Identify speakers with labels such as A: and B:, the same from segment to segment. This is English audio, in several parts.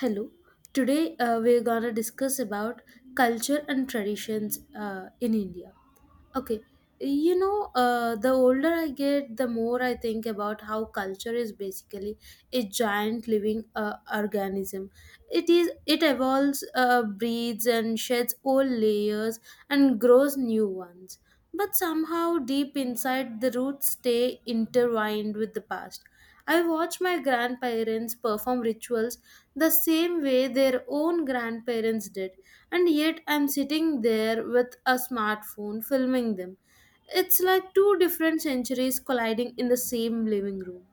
A: Hello. Today we're gonna discuss about culture and traditions in India. Okay, you know, the older I get, the more I think about how culture is basically a giant living organism. It evolves, breeds, and sheds old layers and grows new ones but somehow deep inside the roots stay intertwined with the past. I watch my grandparents perform rituals the same way their own grandparents did, and yet I'm sitting there with a smartphone filming them. It's like two different centuries colliding in the same living room.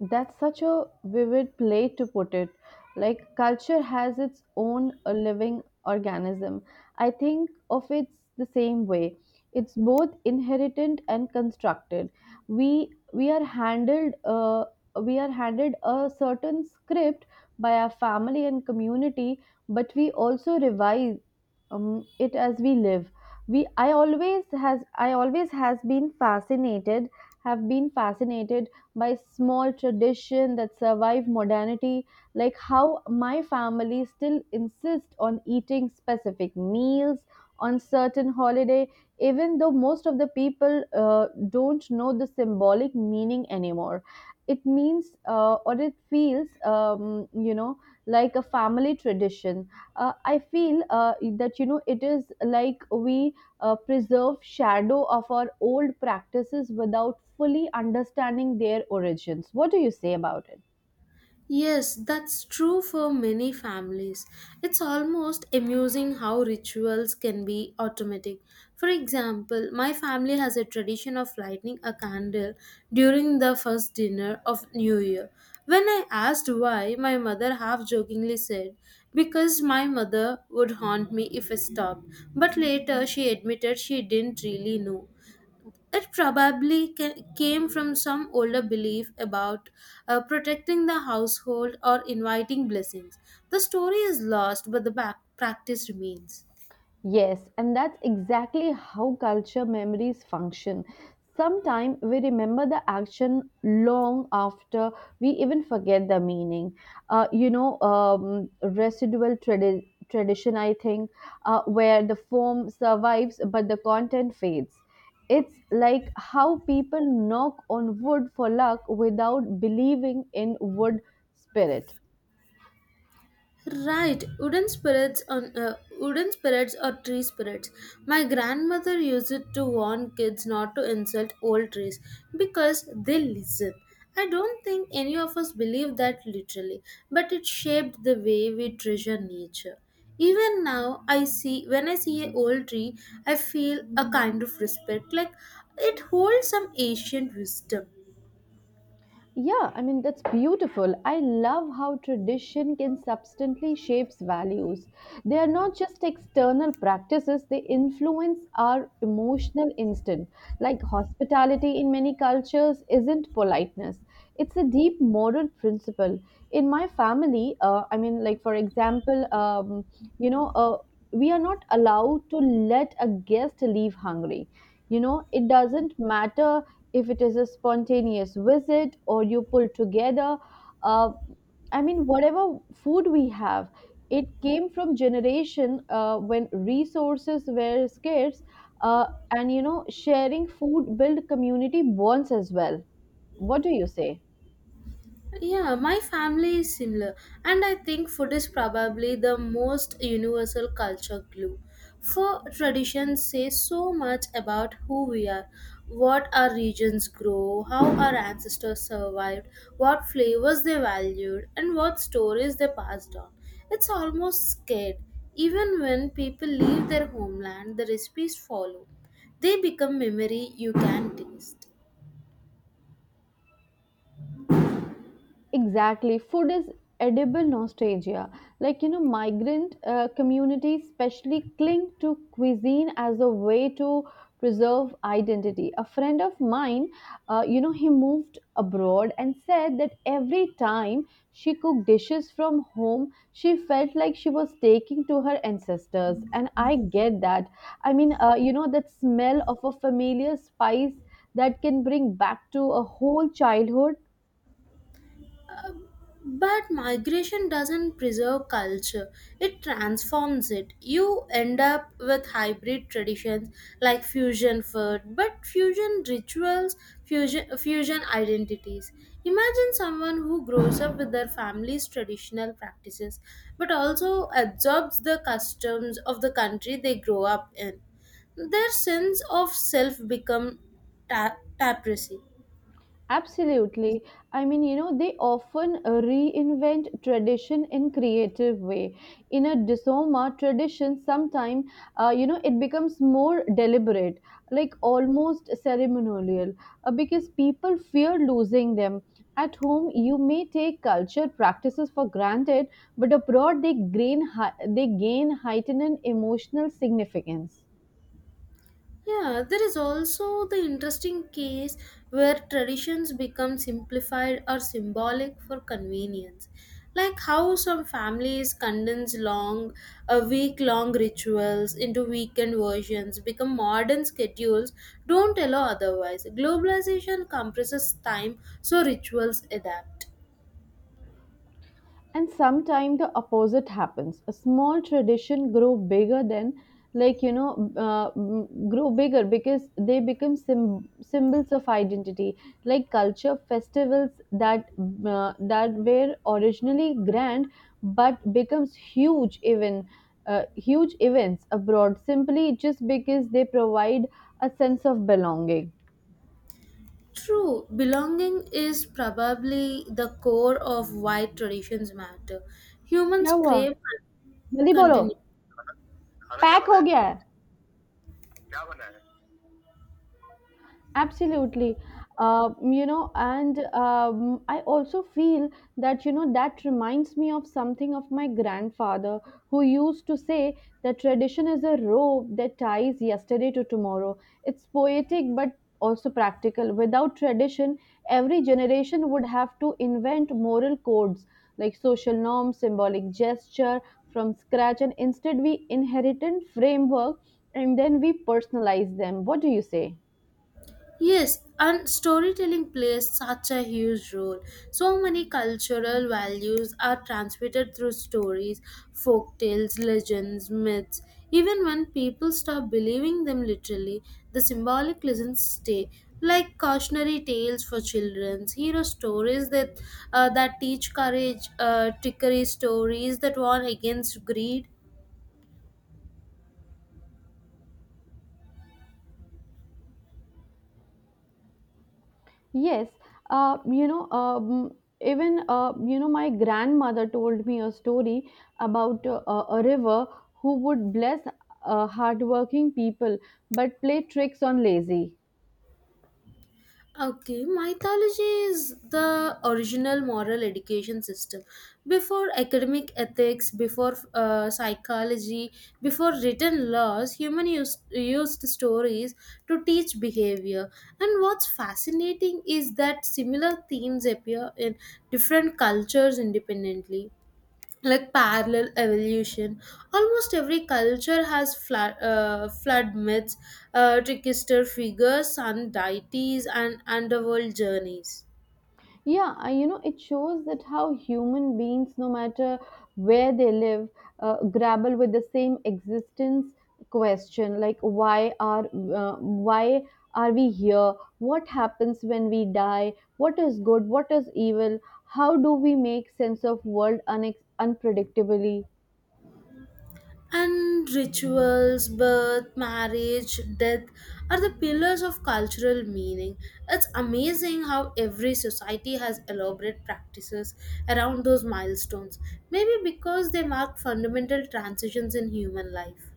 B: That's such a vivid way to put it. Like culture has its own living organism. I think of it the same way. It's both inherited and constructed. We we are handled uh, we are handed a certain script by our family and community, but we also revise it as we live. We I always has been fascinated have been fascinated by small tradition that survive modernity, like how my family still insist on eating specific meals on certain holiday, even though most of the people don't know the symbolic meaning anymore. It means or it feels like a family tradition. I feel that you know it is like we preserved shadow of our old practices without fully understanding their origins. What do you say about it?
A: Yes, that's true for many families. It's almost amusing how rituals can be automatic. For example, my family has a tradition of lighting a candle during the first dinner of New Year. When I asked why, my mother half jokingly said, because my mother would haunt me if I stopped. But later she admitted she didn't really know. It probably came from some older belief about protecting the household or inviting blessings. The story is lost, but the back practice remains.
B: Yes, and that's exactly how culture memories function. Sometimes we remember the action long after we even forget the meaning. Residual tradition, I think, where the form survives but the content fades. It's like how people knock on wood for luck without believing in wood spirit.
A: Right, wooden spirits on wooden spirits or tree spirits. My grandmother used it to warn kids not to insult old trees because they listen. I don't think any of us believe that literally, but it shaped the way we treasure nature. Even now, I see when I see an old tree, I feel a kind of respect, like it holds some ancient wisdom.
B: Yeah, I mean, that's beautiful. I love how tradition can substantially shapes values. They are not just external practices, they influence our emotional instinct. Like hospitality in many cultures isn't politeness. It's a deep moral principle. In my family, I mean, like for example, you know, uh, we are not allowed to let a guest leave hungry. You know, it doesn't matter if it is a spontaneous visit or you pull together, uh, I mean whatever food we have, it came from generation when resources were scarce, uh, and you know sharing food build community bonds as well. What do you say?
A: Yeah, my family is similar, and I think food is probably the most universal culture glue. For traditions say so much about who we are, what our regions grow, how our ancestors survived, what flavors they valued, and what stories they passed on. It's almost scared. Even when people leave their homeland, the recipes follow. They become memory you can taste.
B: Exactly. Food is edible nostalgia. Like, you know, migrant communities especially cling to cuisine as a way to preserve identity. A friend of mine, he moved abroad and said that every time she cooked dishes from home, she felt like she was taking to her ancestors. And I get that. I mean, that smell of a familiar spice that can bring back to a whole childhood.
A: But migration doesn't preserve culture, it transforms it. You end up with hybrid traditions like fusion food, but fusion rituals, fusion identities. Imagine someone who grows up with their family's traditional practices but also absorbs the customs of the country they grow up in. Their sense of self become tapestry.
B: Absolutely. I mean, you know, they often reinvent tradition in creative way. In a Disoma tradition, sometime, it becomes more deliberate, like almost ceremonial, because people fear losing them. At home, you may take culture practices for granted, but abroad, they gain heightened emotional significance.
A: Yeah, there is also the interesting case where traditions become simplified or symbolic for convenience. Like how some families condense long, a week long rituals into weekend versions, become modern schedules, don't allow otherwise. Globalization compresses time, so rituals adapt.
B: And sometimes the opposite happens: a small tradition grow bigger than, like you know, grow bigger because they become symbols of identity, like culture festivals that that were originally grand but becomes huge even, huge events abroad simply just because they provide a sense of belonging.
A: True, belonging is probably the core of why traditions matter. Humans
B: क्या हुआ?
A: crave
B: जल्दी बोलो.
A: continuity.
B: Pack हो गया है. Absolutely. You know, and I also feel that, you know, that reminds me of something of my grandfather who used to say that tradition is a rope that ties yesterday to tomorrow. It's poetic but also practical. Without tradition, every generation would have to invent moral codes like social norms, symbolic gesture from scratch, and instead we inherit a framework and then we personalize them. What do you say?
A: Yes, and storytelling plays such a huge role. So many cultural values are transmitted through stories, folk tales, legends, myths. Even when people stop believing them literally, the symbolic lessons stay. Like cautionary tales for children, hero stories that that teach courage, trickery stories that warn against greed.
B: Yes, uh, you know, um, even my grandmother told me a story about a river who would bless hardworking people but play tricks on lazy.
A: Okay, mythology is the original moral education system. Before academic ethics, before psychology, before written laws, human used stories to teach behavior. And what's fascinating is that similar themes appear in different cultures independently, like parallel evolution. Almost every culture has flood myths, trickster figures, sun deities, and underworld journeys,
B: Yeah, you know, it shows that how human beings, no matter where they live, grapple with the same existence question, like why are we here, what happens when we die, what is good, what is evil, how do we make sense of world unpredictably.
A: and rituals, birth, marriage, death are the pillars of cultural meaning. It's amazing how every society has elaborate practices around those milestones, maybe because they mark fundamental transitions in human life.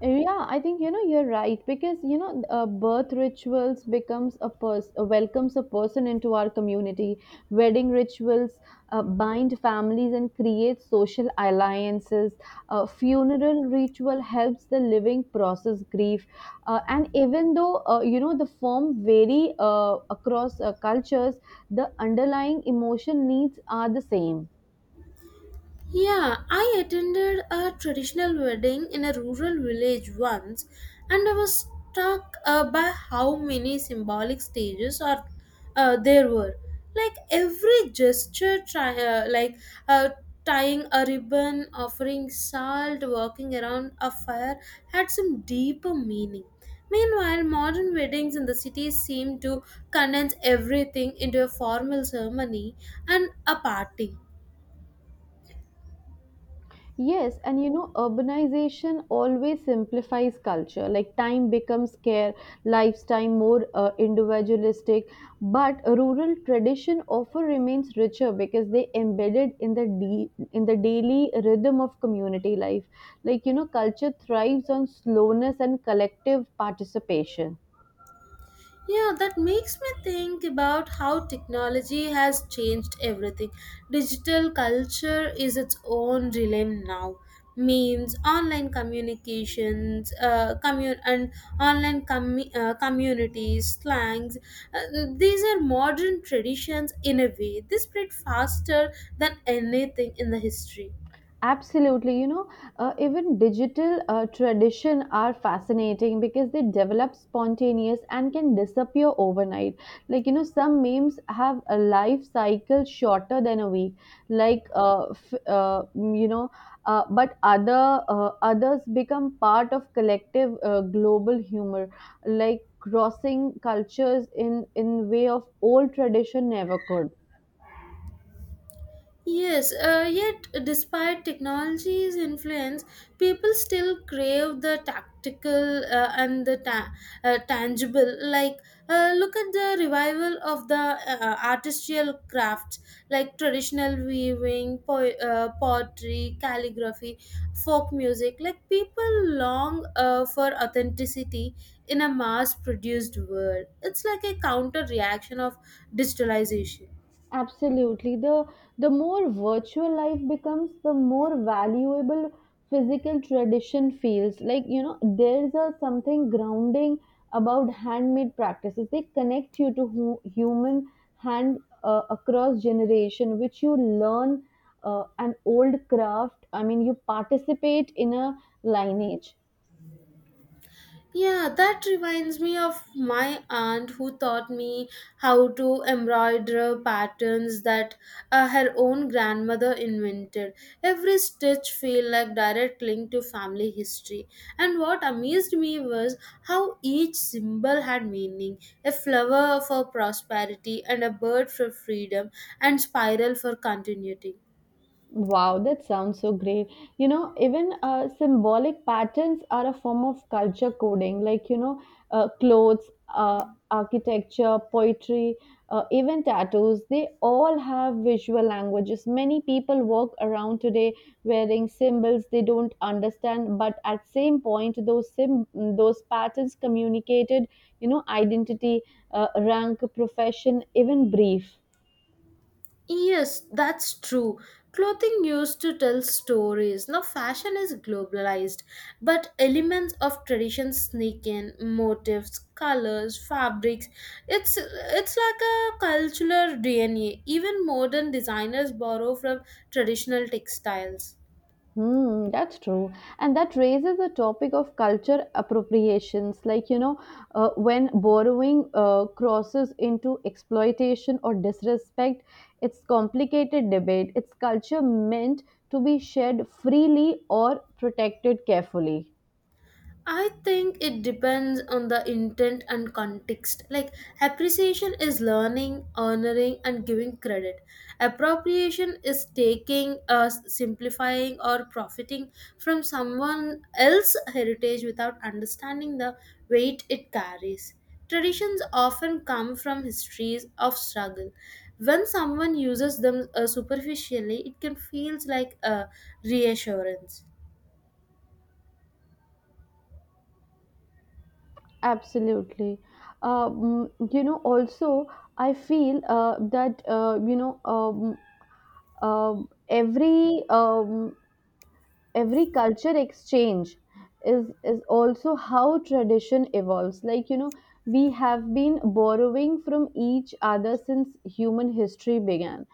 B: Yeah, I think you know you're right, because you know birth rituals becomes a person welcomes a person into our community. Wedding rituals bind families and create social alliances. Funeral ritual helps the living process grief, and even though you know the form vary across cultures, the underlying emotion needs are the same.
A: Yeah, I attended a traditional wedding in a rural village once, and I was struck by how many symbolic stages are there were. Like every gesture, try, like uh, tying a ribbon, offering salt, walking around a fire, had some deeper meaning. Meanwhile, modern weddings in the city seem to condense everything into a formal ceremony and a party.
B: Yes, and you know, urbanization always simplifies culture. Like time becomes scarce, lifestyle more individualistic, but rural tradition often remains richer because they embedded in in the daily rhythm of community life. Like you know, culture thrives on slowness and collective participation.
A: Yeah, that makes me think about how technology has changed everything. Digital culture is its own realm now. Memes, online communications, communities, slangs. Uh, these are modern traditions in a way. They spread faster than anything in the history.
B: Absolutely, you know, even digital tradition are fascinating because they develop spontaneous and can disappear overnight. Like you know, some memes have a life cycle shorter than a week. Like uh, f- uh, you know, but others become part of collective global humor, like crossing cultures in way of old tradition never could.
A: Yes, yet despite technology's influence, people still crave the tactical and the tangible. Like, look at the revival of the artistical crafts, like traditional weaving, pottery, calligraphy, folk music. Like, people long for authenticity in a mass produced world. It's like a counter reaction of digitalization.
B: Absolutely. The more virtual life becomes, the more valuable physical tradition feels. Like, you know, there's a something grounding about handmade practices. They connect you to human hand across generation, which you learn an old craft. I mean, you participate in a lineage.
A: Yeah, that reminds me of my aunt who taught me how to embroider patterns that her own grandmother invented. Every stitch felt like direct link to family history. And what amazed me was how each symbol had meaning. A flower for prosperity and a bird for freedom and spiral for continuity.
B: Wow, that sounds so great. You know, even symbolic patterns are a form of culture coding, like, you know, clothes, architecture, poetry, even tattoos. They all have visual languages. Many people walk around today wearing symbols they don't understand, but at same point, those patterns communicated, you know, identity, rank, profession, even brief.
A: Yes, that's true. Clothing used to tell stories. Now, fashion is globalized, but elements of tradition sneak in motifs, colors, fabrics. It's like a cultural DNA. Even modern designers borrow from traditional textiles.
B: Hmm, that's true. And that raises the topic of culture appropriations, like, you know, when borrowing crosses into exploitation or disrespect, it's complicated debate. It's culture meant to be shared freely or protected carefully.
A: I think it depends on the intent and context. Like, appreciation is learning, honoring, and giving credit. Appropriation is taking, simplifying, or profiting from someone else's heritage without understanding the weight it carries. Traditions often come from histories of struggle. When someone uses them superficially, it can feel like a reassurance.
B: Absolutely. You know, also, I feel that, uh, every um, every culture exchange is also how tradition evolves, like you know we have been borrowing from each other since human history began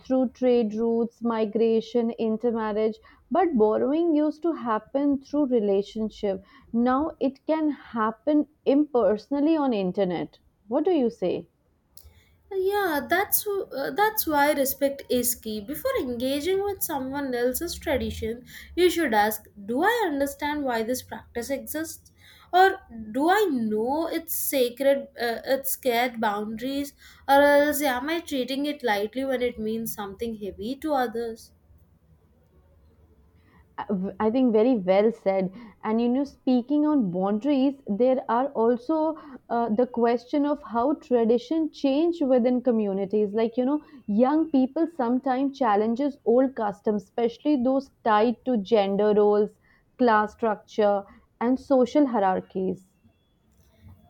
B: through trade routes, migration, intermarriage, but borrowing used to happen through relationship. Now it can happen impersonally on internet. What do you say?
A: Yeah, that's why respect is key. Before engaging with someone else's tradition, you should ask, "Do I understand why this practice exists?" Or do I know its sacred, its scared boundaries, or else am I treating it lightly when it means something heavy to others?
B: I think very well said. And you know, speaking on boundaries, there are also the question of how tradition change within communities. Like you know, young people sometimes challenges old customs, especially those tied to gender roles, class structure, and social hierarchies.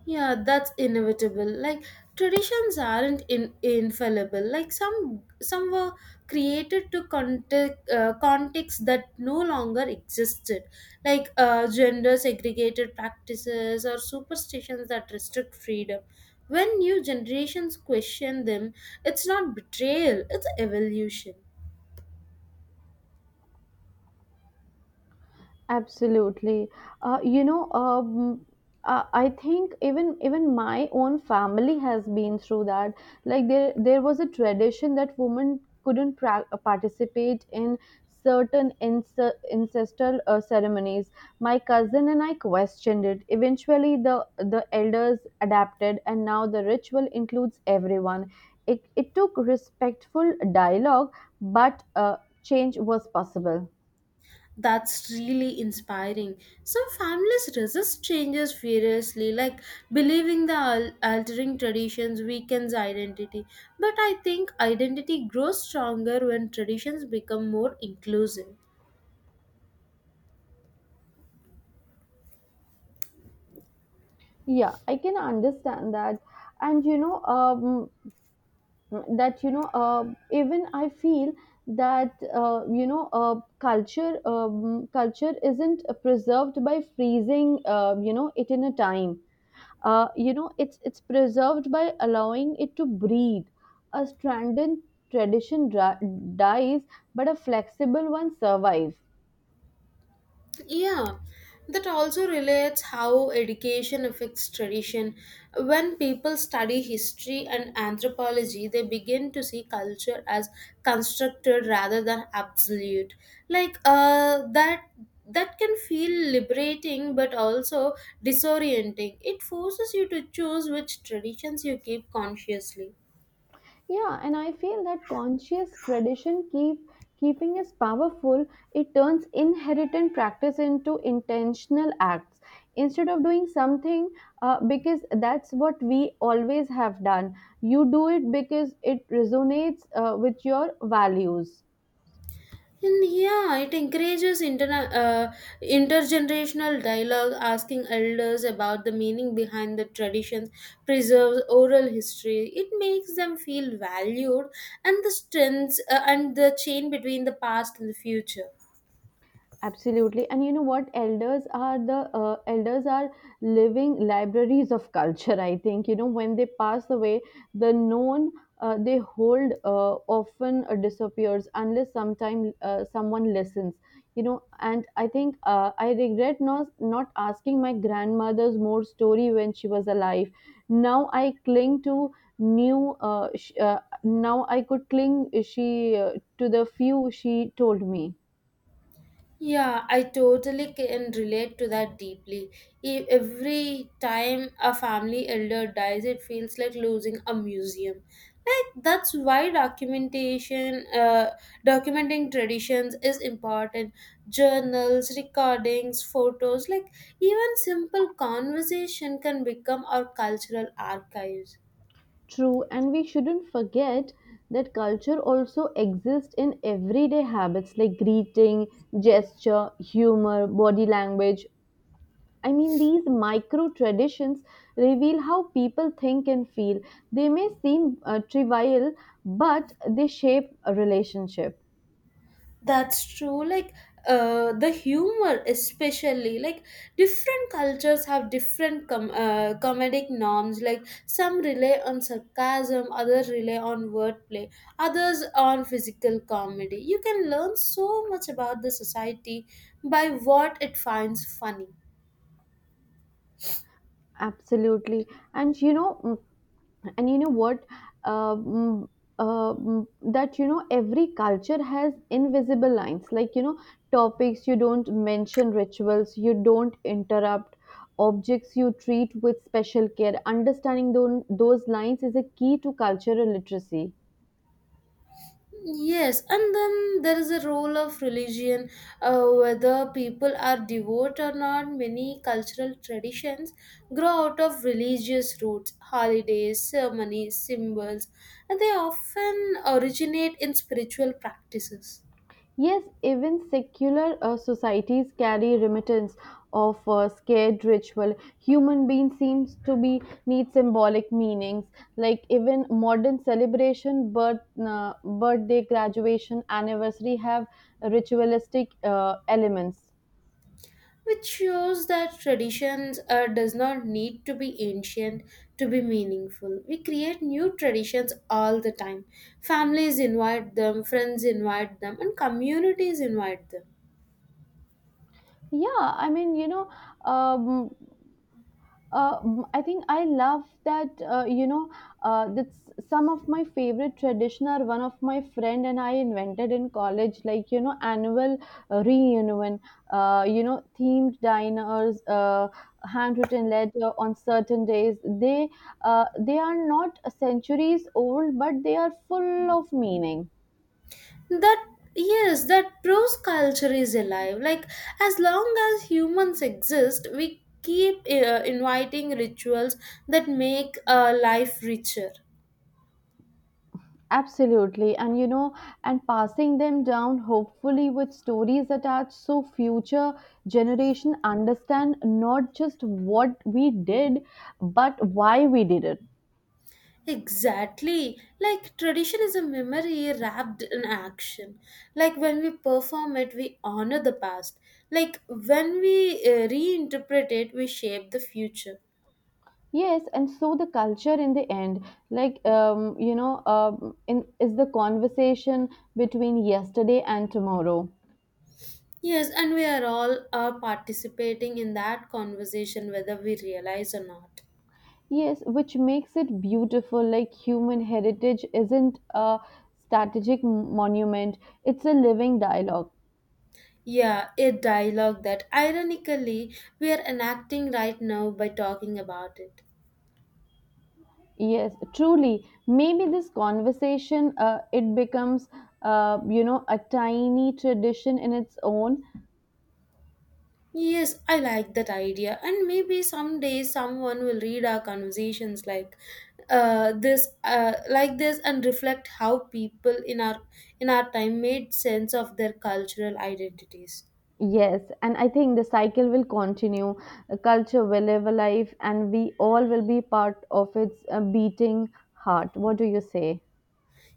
A: Yeah, that's inevitable. Like traditions aren't infallible. Like some were created to context context that no longer existed, like gender segregated practices or superstitions that restrict freedom. When new generations question them, it's not betrayal; it's evolution.
B: Absolutely. Uh, you know, um, I think even my own family has been through that. Like there was a tradition that women couldn't participate in certain ancestral ceremonies. My cousin and I questioned it. Eventually, the elders adapted, and now the ritual includes everyone. It took respectful dialogue, but change was possible.
A: That's really inspiring. Some families resist changes furiously, like believing the altering traditions weakens identity. But I think identity grows stronger when traditions become more inclusive.
B: Yeah, I can understand that. And you know, that you know, even I feel that culture, culture isn't preserved by freezing, it in a time. You know, it's preserved by allowing it to breathe. A stranded tradition dri dies, but a flexible one survives.
A: Yeah, that also relates how education affects tradition. When people study history and anthropology, they begin to see culture as constructed rather than absolute. Like that can feel liberating but also disorienting. It forces you to choose which traditions you keep consciously.
B: Yeah, and I feel that conscious tradition keep keeping is powerful. It turns inherited practice into intentional acts. Instead of doing something because that's what we always have done, you do it because it resonates with your values.
A: And yeah, it encourages intergenerational dialogue, asking elders about the meaning behind the traditions, preserves oral history. It makes them feel valued, and the strengths and the chain between the past and the future.
B: Absolutely. And you know what? Elders are living libraries of culture. I think you know when they pass away, the known they hold often disappears unless sometime someone listens. You know, and I think I regret not asking my grandmother's more story when she was alive. Now I cling to new. Uh, sh- uh, now I could cling she to the few she told me.
A: Yeah, I totally can relate to that deeply. Every time a family elder dies, it feels like losing a museum. Like that's why documenting traditions is important. Journals, recordings, photos, like even simple conversation can become our cultural archives.
B: True, and we shouldn't forget that culture also exists in everyday habits like greeting, gesture, humor, body language. I mean, these micro traditions reveal how people think and feel. They may seem trivial, but they shape a relationship.
A: That's true. Like the humor, especially like different cultures have different comedic norms. Like some rely on sarcasm, others rely on wordplay, others on physical comedy. You can learn so much about the society by what it finds funny.
B: Absolutely. And you know, mm, and you know what um, um, that you know every culture has invisible lines, like you know topics you don't mention, rituals you don't interrupt, objects you treat with special care. Understanding those lines is a key to cultural literacy.
A: Yes, and then there is a role of religion, whether people are devout or not. Many cultural traditions grow out of religious roots, holidays, ceremonies, symbols, and they often originate in spiritual practices,
B: Yes, even secular societies carry remittance of scared ritual. Human being seems to be need symbolic meanings. Like even modern celebration, birthday, graduation, anniversary have ritualistic elements.
A: which shows that traditions does not need to be ancient to be meaningful. We create new traditions all the time. Families invite them, friends invite them, and communities invite them.
B: Yeah, I mean, you know, um, I think I love that that's some of my favorite tradition are one of my friend and I invented in college, like you know annual reunion, you know themed diners, handwritten letter on certain days. They are not centuries old, but they are full of meaning.
A: That yes that prose culture is alive, like as long as humans exist we keep inviting rituals that make life richer.
B: Absolutely. And you know, and passing them down hopefully with stories attached so future generation understand not just what we did, but why we did it.
A: Exactly, like tradition is a memory wrapped in action, like when we perform it we honor the past, like when we reinterpret it we shape the future.
B: Yes, and so the culture in the end, is the conversation between yesterday and tomorrow.
A: Yes, and we are all participating in that conversation whether we realize or not.
B: Yes, which makes it beautiful. Like human heritage isn't a strategic monument; it's a living dialogue.
A: Yeah, a dialogue that ironically we are enacting right now by talking about it.
B: Yes, truly. Maybe this conversation it becomes a tiny tradition in its own.
A: Yes, I like that idea, and maybe someday someone will read our conversations like like this, and reflect how people in our time made sense of their cultural identities.
B: Yes, and I think the cycle will continue. The culture will live a life, and we all will be part of its beating heart. What do you say?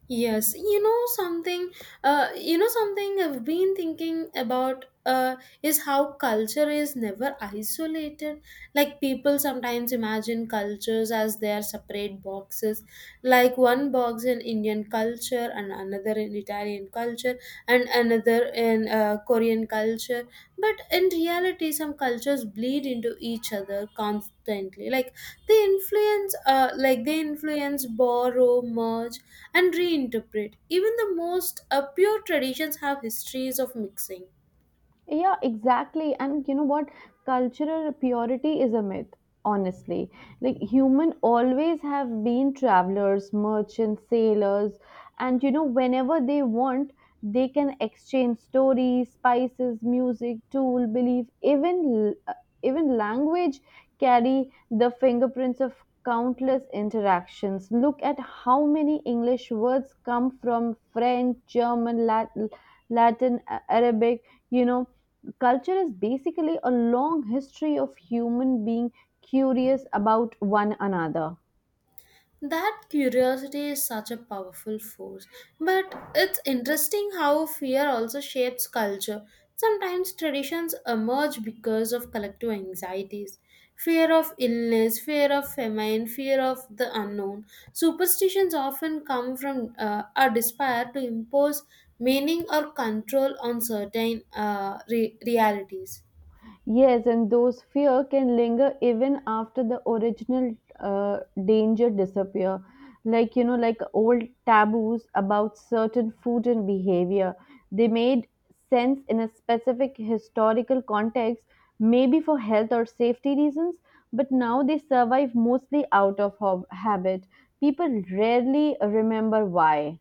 A: Yes, you know something I've been thinking about is how culture is never isolated. Like people sometimes imagine cultures as their separate boxes, like one box in Indian culture and another in Italian culture, and another in Korean culture. But in reality, some cultures bleed into each other constantly. Like like they influence, borrow, merge, and reinterpret. Even the most pure traditions have histories of mixing.
B: Yeah, exactly. And you know what? Cultural purity is a myth, honestly. Like human always have been travelers, merchants, sailors, and you know, whenever they want, they can exchange stories, spices, music, tool, belief, even language carry the fingerprints of countless interactions. Look at how many english words come from french german latin, arabic, you know, culture is basically a long history of human being curious about one another.
A: That curiosity is such a powerful force, but it's interesting how fear also shapes culture. Sometimes traditions emerge because of collective anxieties, fear of illness, fear of famine, fear of the unknown. Superstitions often come from a desire to impose meaning or control on certain realities.
B: Yes, and those fear can linger even after the original danger disappear. Like you know, like old taboos about certain food and behavior, they made sense in a specific historical context, maybe for health or safety reasons. But now they survive mostly out of habit. People rarely remember why.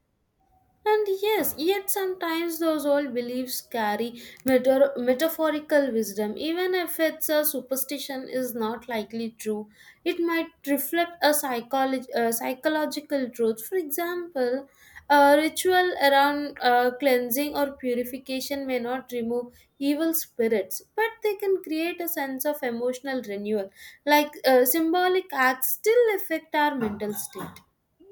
A: And yes, yet sometimes those old beliefs carry metaphorical wisdom. Even if it's a superstition is not likely true, it might reflect a psychological truth. For example, a ritual around cleansing or purification may not remove evil spirits, but they can create a sense of emotional renewal. Like symbolic acts still affect our mental state.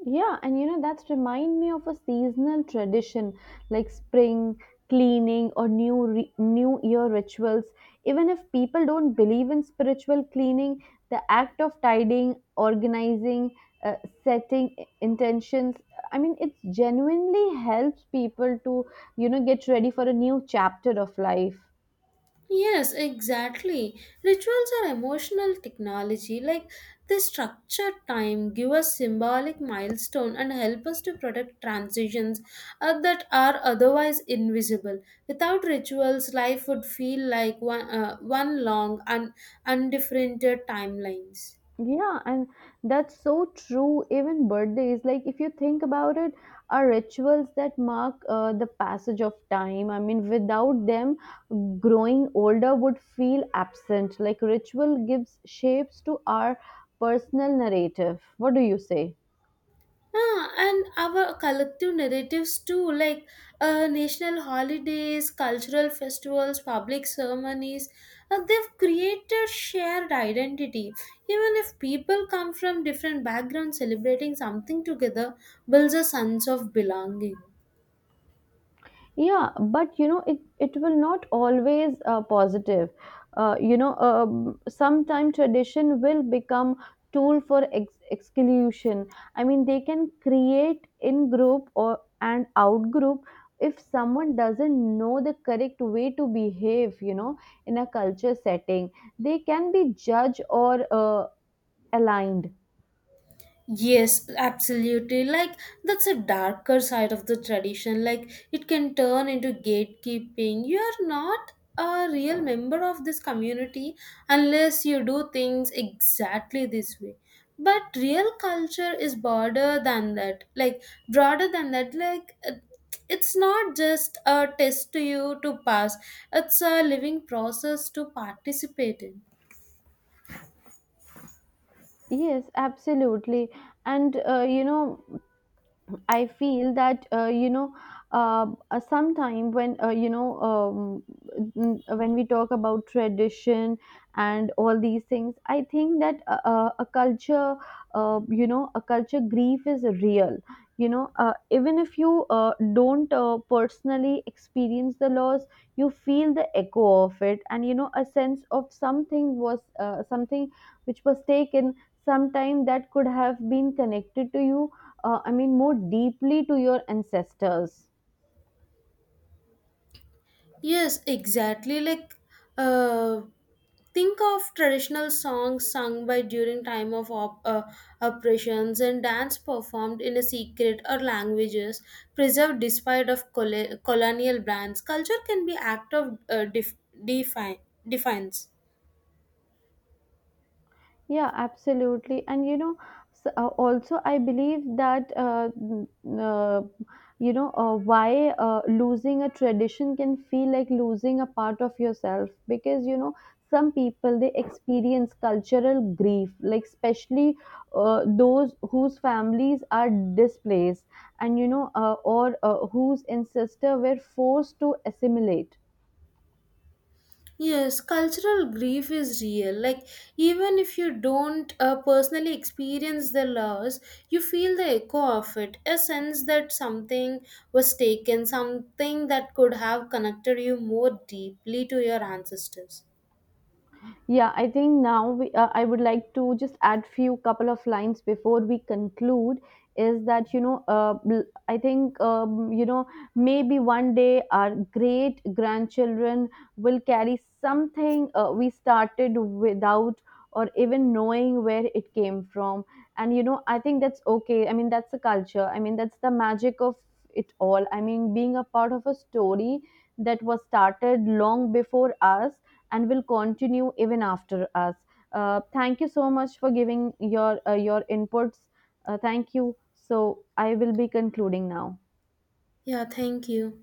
B: Yeah, and you know that's remind me of a seasonal tradition like spring cleaning or new year rituals. Even if people don't believe in spiritual cleaning, the act of tidying, organizing, uh, setting intentions, I mean, it genuinely helps people to you know get ready for a new chapter of life.
A: Yes, exactly. Rituals are emotional technology. Like they structure time, give us symbolic milestone, and help us to protect transitions that are otherwise invisible. Without rituals, life would feel like one long and undifferentiated timelines.
B: Yeah, and that's so true. Even birthdays, like if you think about it, are rituals that mark the passage of time. I mean, without them, growing older would feel absent. Like ritual gives shapes to our personal narrative. What do you say?
A: Ah, and our collective narratives too, like national holidays, cultural festivals, public ceremonies, they've created shared identity. Even if people come from different backgrounds, celebrating something together builds a sense of belonging.
B: Yeah, but you know, it will not always positive. Sometime tradition will become tool for exclusion. I mean, they can create in group or and out group if someone doesn't know the correct way to behave. You know, in a culture setting, they can be judged or aligned.
A: Yes, absolutely. Like that's a darker side of the tradition. Like it can turn into gatekeeping. You are not a real member of this community unless you do things exactly this way. But real culture is broader than that. Broader than that. Like uh, it's not just a test to you to pass. It's a living process to participate in.
B: Yes, absolutely. And you know. I feel that sometime when when we talk about tradition and all these things, I think that a culture, a culture grief is real. You know, even if you don't personally experience the loss, you feel the echo of it, and you know, a sense of something was something which was taken sometime that could have been connected to you I mean, more deeply to your ancestors.
A: Yes, exactly. Like, uh, think of traditional songs sung by during time of operations and dance performed in a secret or languages preserved despite of colonial brands. Culture can be act of define defines.
B: Yeah, absolutely. And you know, s also I believe that uh, why losing a tradition can feel like losing a part of yourself because you know some people they experience cultural grief, like especially those whose families are displaced and you know or whose ancestors were forced to assimilate.
A: Yes, cultural grief is real. Like, even if you don't personally experience the loss, you feel the echo of it. A sense that something was taken, something that could have connected you more deeply to your ancestors.
B: Yeah, I think now I would like to just add few couple of lines before we conclude. Is that you know? I think maybe one day our great grandchildren will carry something we started without or even knowing where it came from. And you know, I think that's okay. I mean, that's the culture. I mean, that's the magic of it all. I mean, being a part of a story that was started long before us and will continue even after us. Thank you so much for giving your inputs. Thank you. So I will be concluding now.
A: Yeah, thank you.